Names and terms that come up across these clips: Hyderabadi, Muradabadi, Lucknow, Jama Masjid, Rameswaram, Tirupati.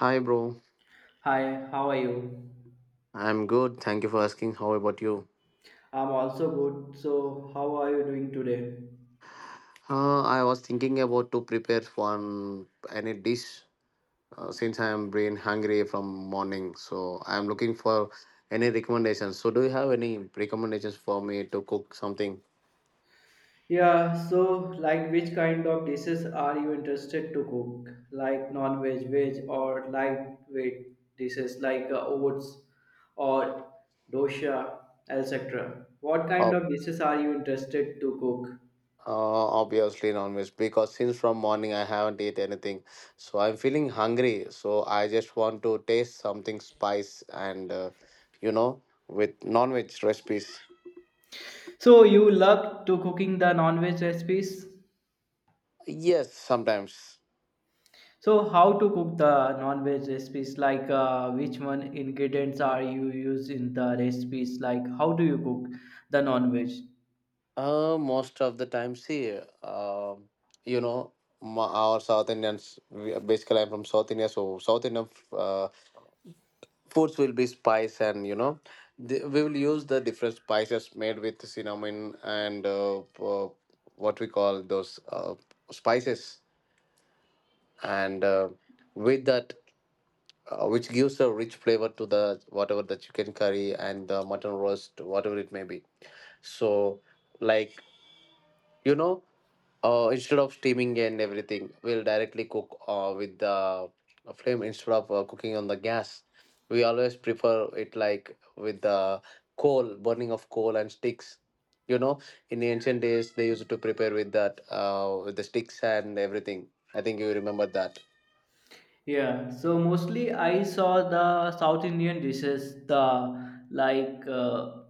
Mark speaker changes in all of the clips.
Speaker 1: Hi, bro.
Speaker 2: Hi, how are you?
Speaker 1: I'm good. Thank you for asking. How about you?
Speaker 2: I'm also good. So, how are you doing today?
Speaker 1: I was thinking about to prepare one any dish since I'm been hungry from morning. So I'm looking for any recommendations. So do you have any recommendations for me to cook something?
Speaker 2: Yeah, so like which kind of dishes are you interested to cook? Like non-veg, veg or lightweight dishes like oats or dosha, etc. What kind
Speaker 1: Oh,
Speaker 2: of dishes are you interested to cook?
Speaker 1: obviously non-veg because since from morning I haven't eat anything. So I'm feeling hungry. So I just want to taste something spice and you know with non-veg recipes.
Speaker 2: So, you love to cooking the non-veg recipes?
Speaker 1: Yes, sometimes.
Speaker 2: So how to cook the non-veg recipes? Like which one ingredients are you use in the recipes? Like how do you cook the non-veg?
Speaker 1: Most of the time, see, you know, our South Indians, basically, I'm from South India, so South Indian foods will be spice, and we will use the different spices made with cinnamon and what we call those spices, and with that, which gives a rich flavor to the whatever the chicken curry and the mutton roast, whatever it may be. So, like you know instead of steaming and everything we'll directly cook with the flame, instead of cooking on the gas, we always prefer it like with the coal, burning of coal and sticks. you know in the ancient days they used to prepare with that, with the sticks and everything. I think you remember that.
Speaker 2: Yeah, so mostly I saw the South Indian dishes, the like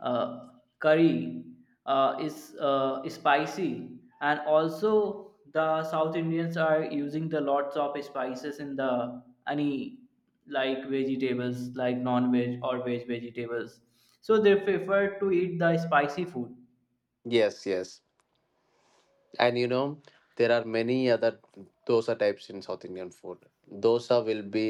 Speaker 2: uh, curry is spicy, and also the South Indians are using the lots of spices in the any like vegetables, like non-veg or veg vegetables. So they prefer to eat the spicy food.
Speaker 1: Yes, yes. And there are many other dosa types in South Indian food. Dosa will be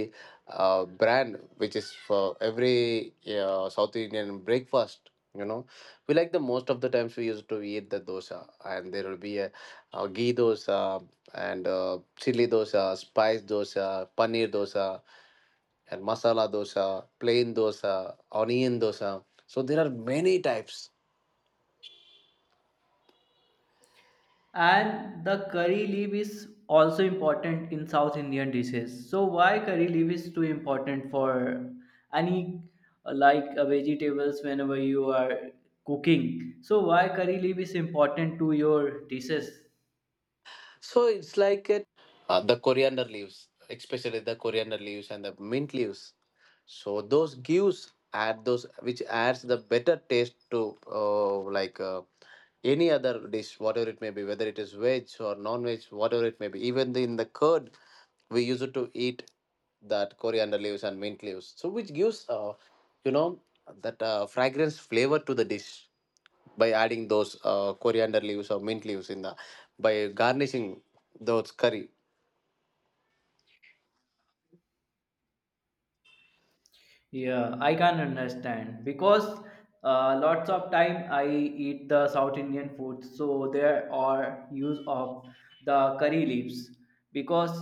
Speaker 1: a brand which is for every South Indian breakfast. you know we like, the most of the times we used to eat the dosa, and there will be a ghee dosa, and chili dosa, spice dosa, paneer dosa, and masala dosa, plain dosa, onion dosa. So there are many types.
Speaker 2: And the curry leaf is also important in South Indian dishes. So why curry leaf is too important for any like vegetables whenever you are cooking? So why curry leaf is important to your dishes?
Speaker 1: So it's like the coriander leaves, especially the coriander leaves and the mint leaves. So those gives, add those, which adds the better taste to like any other dish, whatever it may be, whether it is veg or non-veg, whatever it may be. Even in the curd, we use it to eat that coriander leaves and mint leaves. So which gives you know that fragrance flavor to the dish by adding those coriander leaves or mint leaves in the, by garnishing those curry.
Speaker 2: Yeah, I can understand because lots of time I eat the South Indian food, so there are use of the curry leaves because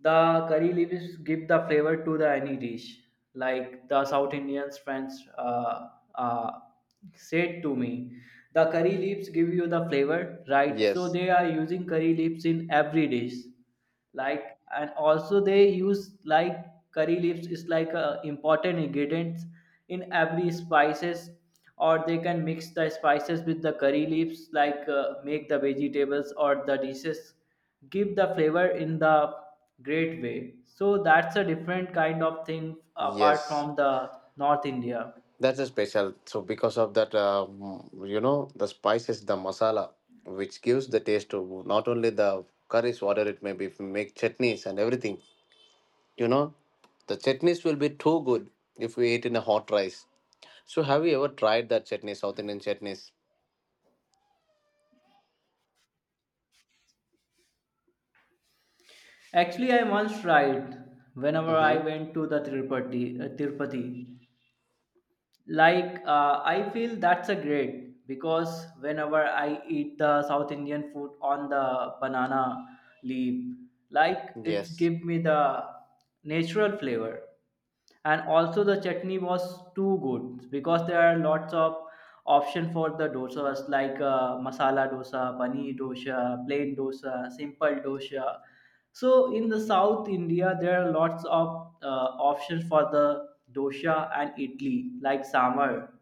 Speaker 2: the curry leaves give the flavor to the any dish. Like the South Indians friends uh, said to me, the curry leaves give you the flavor, right? So
Speaker 1: Yes,
Speaker 2: they are using curry leaves in every dish like, and also they use like curry leaves is like a important ingredients in every spices, or they can mix the spices with the curry leaves like, make the vegetables or the dishes give the flavor in the great way. So that's a different kind of thing apart
Speaker 1: yes.
Speaker 2: from the North India.
Speaker 1: That's a special, so because of that the spices, the masala, which gives the taste to not only the curries, whatever it may be. If we make chutneys and everything, you know the chutneys will be too good if we eat in a hot rice. So have you ever tried that chutney, South Indian chutneys?
Speaker 2: Actually, I once tried whenever I
Speaker 1: Mm-hmm.
Speaker 2: went to the Tirupati, Tirupati. Like, I feel that's a great because whenever I eat the South Indian food on the banana leaf, like it's
Speaker 1: Yes,
Speaker 2: give me the natural flavor. And also the chutney was too good because there are lots of option for the dosas like, masala dosa, paneer dosa, plain dosa, simple dosa. So in the South India, there are lots of options for the dosa and idli, like sambar.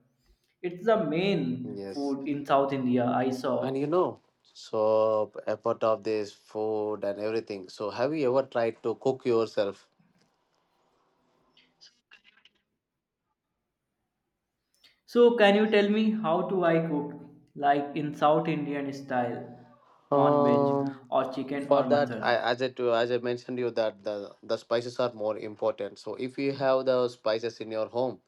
Speaker 2: It's the main
Speaker 1: yes.
Speaker 2: food in South India, I
Speaker 1: And
Speaker 2: saw.
Speaker 1: so apart of this food and everything, so have you ever tried to cook yourself?
Speaker 2: So can you tell me how do I cook, like in South Indian style, non-veg
Speaker 1: Um,
Speaker 2: or chicken
Speaker 1: for
Speaker 2: or
Speaker 1: that,
Speaker 2: mutton?
Speaker 1: as I mentioned you that the spices are more important. So if you have the spices in your home,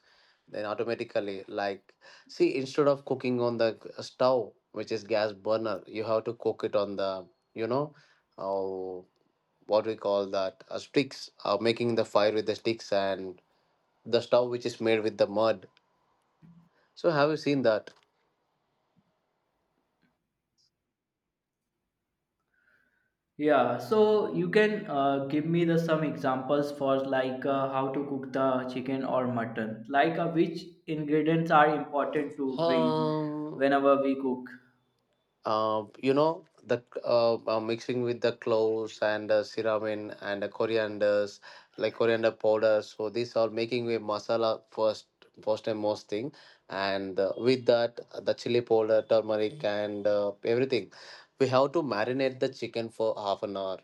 Speaker 1: then automatically, like, see, instead of cooking on the stove, which is gas burner, you have to cook it on the, you know, uh, what we call that, sticks, making the fire with the sticks and the stove which is made with the mud. So have you seen that?
Speaker 2: Yeah, so you can give me the some examples for like, how to cook the chicken or mutton. Like which ingredients are important to bring
Speaker 1: Um,
Speaker 2: whenever we cook.
Speaker 1: the mixing with the cloves and cinnamon and corianders, like coriander powder. So these are making a masala, first, first and most thing, and with that the chili powder, turmeric, and everything. We have to marinate the chicken for half an hour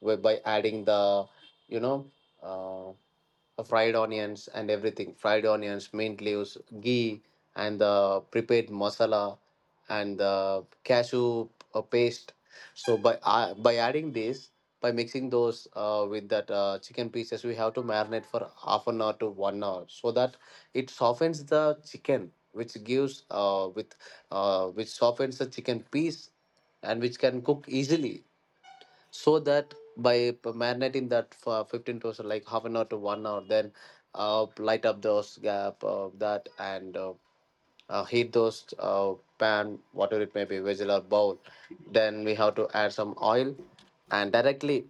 Speaker 1: by adding the, you know, uh, fried onions and everything, fried onions, mint leaves, ghee, and the prepared masala, and the cashew paste. So by adding this, by mixing those with that chicken pieces, we have to marinate for half an hour to 1 hour so that it softens the chicken, which gives with which softens the chicken piece and which can cook easily. So that, by marinating that for 15 to, so like, half an hour to 1 hour, then light up those gap of that, and heat those pan, whatever it may be, vessel or bowl. Then we have to add some oil, and directly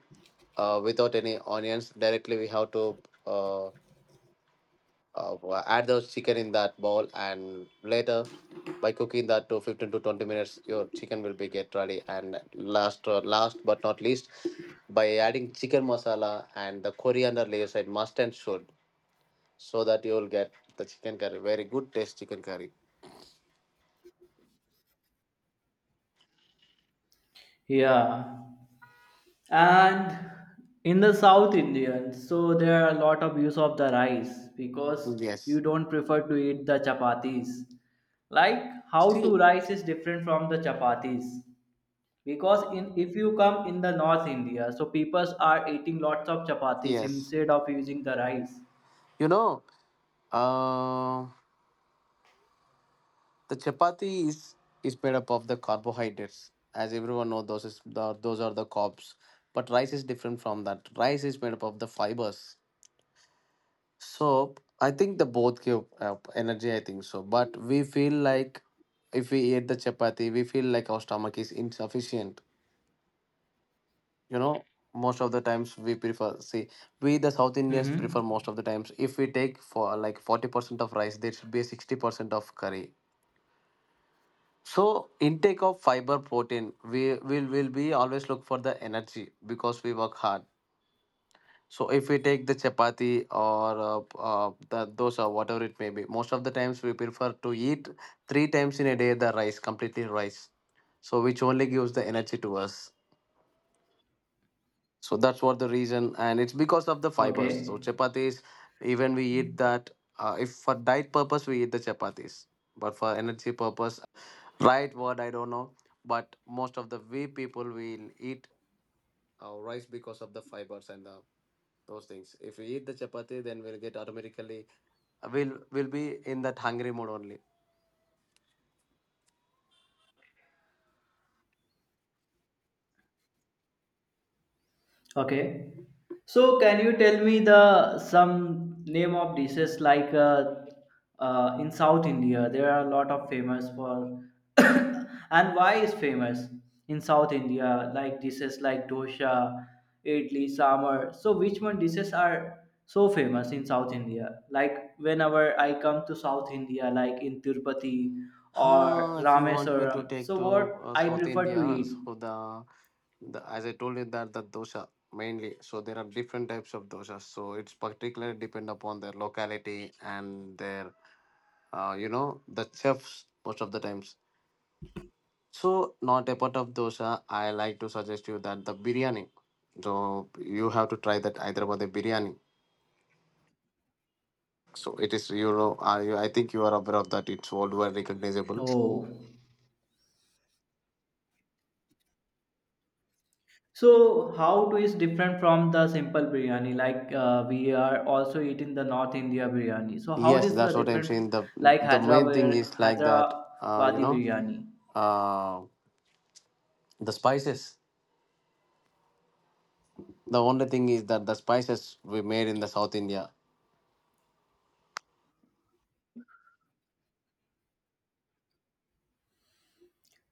Speaker 1: without any onions, directly we have to uh, add the chicken in that bowl. And later, by cooking that to 15 to 20 minutes, your chicken will be get ready. And last, last but not least, by adding chicken masala and the coriander leaves, and must and should, so that you will get the chicken curry, very good taste chicken curry.
Speaker 2: Yeah, and in the South Indian, so there are a lot of use of the rice because
Speaker 1: Yes.
Speaker 2: you don't prefer to eat the chapatis. Like how to
Speaker 1: See.
Speaker 2: rice is different from the chapatis. Because in, if you come in the North India, so people are eating lots of chapatis
Speaker 1: Yes.
Speaker 2: instead of using the rice.
Speaker 1: you know uh, The chapati is made up of the carbohydrates, as everyone knows. Those is those are the carbs, but rice is different from that. Rice is made up of the fibers. So I think the both give energy. I think so, but we feel like if we eat the chapati, we feel like our stomach is insufficient. You know, most of the times we prefer. See, we the South Indians prefer
Speaker 2: Mm-hmm.
Speaker 1: most of the times. If we take for like 40% of rice, there should be 60% of curry. So intake of fiber protein, we will be always look for the energy because we work hard. So if we take the chapati or the dosa, whatever it may be, most of the times we prefer to eat three times in a day the rice, completely rice. So which only gives the energy to us. So that's what the reason, and it's because of the fibers. So
Speaker 2: Okay.
Speaker 1: chapatis, even we eat that. If for diet purpose we eat the chapatis, but for energy purpose, right word I don't know, but most of the we people will eat rice because of the fibers and the those things. If we eat the chapati then we'll get automatically we'll will be in that hungry mode only.
Speaker 2: Okay. So, can you tell me the some name of dishes like, in South India? There are a lot of famous for, and why is famous in South India like dishes like dosa, idli, sambar. So, which one dishes are so famous in South India? Like whenever I come to South India, like in Tirupati or
Speaker 1: If you want me to
Speaker 2: Rameswaram.
Speaker 1: take
Speaker 2: So,
Speaker 1: to
Speaker 2: what I
Speaker 1: South
Speaker 2: prefer
Speaker 1: India,
Speaker 2: to eat?
Speaker 1: so the as I told you that the dosa mainly. So there are different types of dosas, so it's particularly depend upon their locality and their the chefs most of the times. So, not a part of dosa, I like to suggest you that the biryani. So you have to try that Hyderabad biryani. So it is, I think you are aware of that. It's worldwide recognizable.
Speaker 2: Oh. So, how it is different from the simple biryani? Like we are also eating the North India biryani. So, how it
Speaker 1: Yes,
Speaker 2: is the
Speaker 1: that's what I'm
Speaker 2: different
Speaker 1: saying. the
Speaker 2: like
Speaker 1: The main thing
Speaker 2: Hyderabad
Speaker 1: is like that. Uh, you
Speaker 2: Hyderabadi
Speaker 1: know,
Speaker 2: biryani?
Speaker 1: uh, the spices. The only thing is that the spices we made in the South India.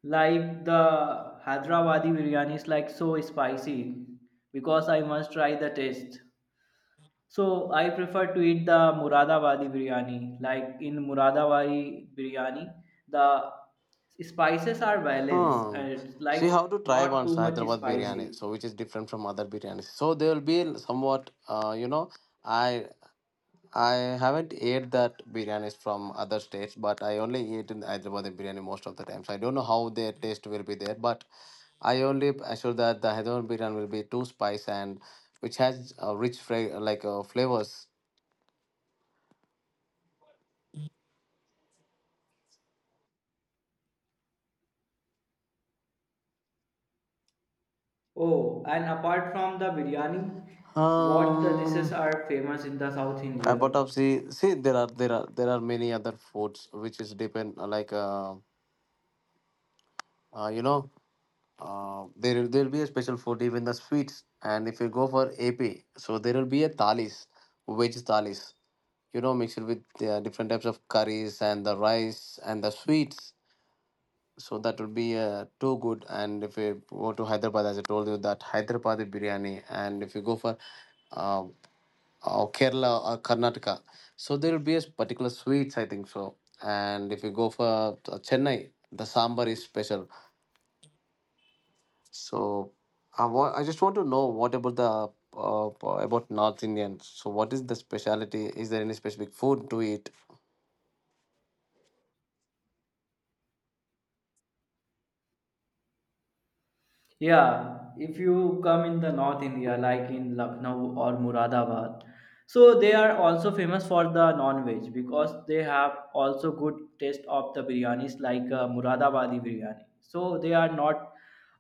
Speaker 2: Like the Hyderabadi biryani is like so spicy because I must try the taste. So, I prefer to eat the Muradabadi biryani. Like in Muradabadi biryani, the spices are balanced
Speaker 1: Hmm.
Speaker 2: and it's
Speaker 1: So you
Speaker 2: like
Speaker 1: have to try
Speaker 2: not
Speaker 1: once
Speaker 2: too much
Speaker 1: Hyderabad biryani.
Speaker 2: spicy.
Speaker 1: So which is different from other biryanis. So they will be somewhat. I I haven't ate that biryanis from other states, but I only eat in Hyderabad biryani most of the time. So I don't know how their taste will be there, but I only assure that the Hyderabad biryani will be too spice and which has rich like flavors.
Speaker 2: Oh, and apart from the biryani, what the dishes
Speaker 1: Um,
Speaker 2: are famous in the South
Speaker 1: apart
Speaker 2: India?
Speaker 1: of, see, there are, there are many other foods which is depend like uh, you know there will be a special food, even the sweets. And if you go for AP, so there will be a thalis, veg thalis, mixed with different types of curries and the rice and the sweets, so that will be too good. And if you go to Hyderabad, as I told you that Hyderabad biryani, and if you go for uh, Kerala or Karnataka, so there will be a particular sweets, I think so. And if you go for Chennai, the sambar is special. So I just want to know what about the uh, about North Indians. So what is the specialty? Is there any specific food to eat?
Speaker 2: Yeah, if you come in the North India, like in Lucknow or Muradabad, so they are also famous for the non-veg because they have also good taste of the biryanis like, Muradabadi biryani. So they are not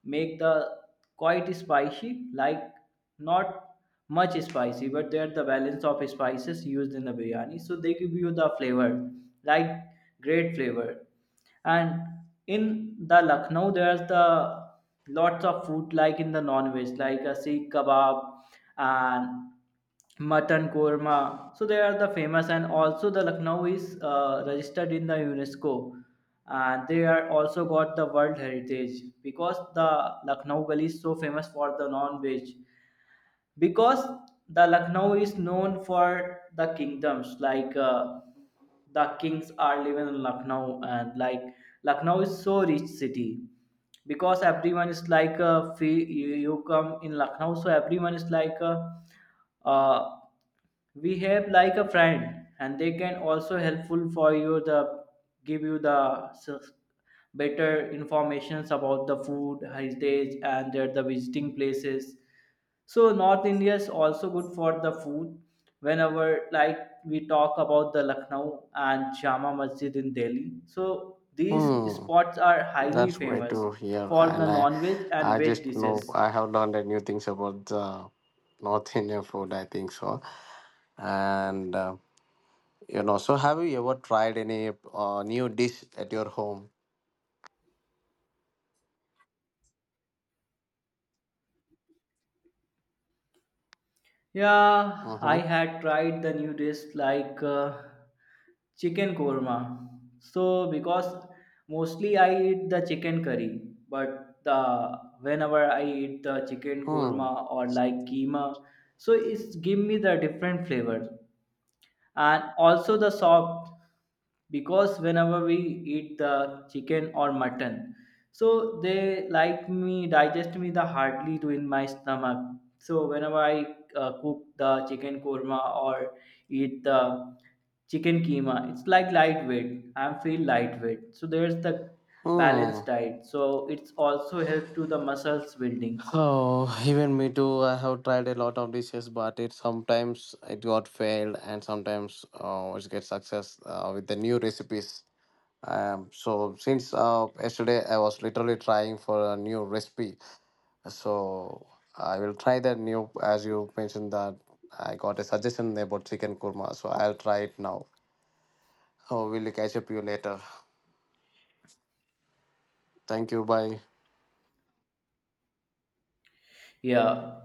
Speaker 2: make the quite spicy, like not much spicy, but they are the balance of spices used in the biryani. So they give you the flavor, like great flavor. And in the Lucknow, there's the lots of food like in the non-veg like a sikh kebab and mutton korma, so they are the famous. And also the Lucknow is registered in the UNESCO and they are also got the world heritage because the Lucknow gully is so famous for the non-veg, because the Lucknow is known for the kingdoms like, the kings are living in Lucknow, and like Lucknow is so rich city because everyone is like free, you come in Lucknow, so everyone is like uh, we have like a friend and they can also helpful for you, the give you the better informations about the food heritage, and their the visiting places. So North India is also good for the food. Whenever like we talk about the Lucknow and Jama Masjid in Delhi, so these
Speaker 1: Hmm,
Speaker 2: spots are highly
Speaker 1: that's great
Speaker 2: famous
Speaker 1: to hear.
Speaker 2: for the
Speaker 1: And
Speaker 2: non-veg and
Speaker 1: I
Speaker 2: veg
Speaker 1: just know
Speaker 2: dishes.
Speaker 1: I have learned new things about the North Indian food, I think so. And so have you ever tried any new dish at your home?
Speaker 2: Yeah, I
Speaker 1: Mm-hmm.
Speaker 2: had tried the new dish like, chicken korma. So because mostly I eat the chicken curry, but the whenever I eat the chicken
Speaker 1: Hmm.
Speaker 2: korma or like keema, so it's give me the different flavor and also the soft because whenever we eat the chicken or mutton, so they like me digest me the hardly to in my stomach. So whenever I cook the chicken korma or eat the chicken keema, it's like lightweight. I feel lightweight. So there's the
Speaker 1: Hmm.
Speaker 2: balanced diet, so it's also help to the muscles buildings.
Speaker 1: Oh, even me too. I have tried a lot of dishes, but it sometimes it got failed, and sometimes it gets success with the new recipes. So since yesterday I was literally trying for a new recipe, so I will try that new. As you mentioned that, I got a suggestion about chicken kurma, so I'll try it now. Oh, we'll catch up you later. Thank you. Bye.
Speaker 2: Yeah.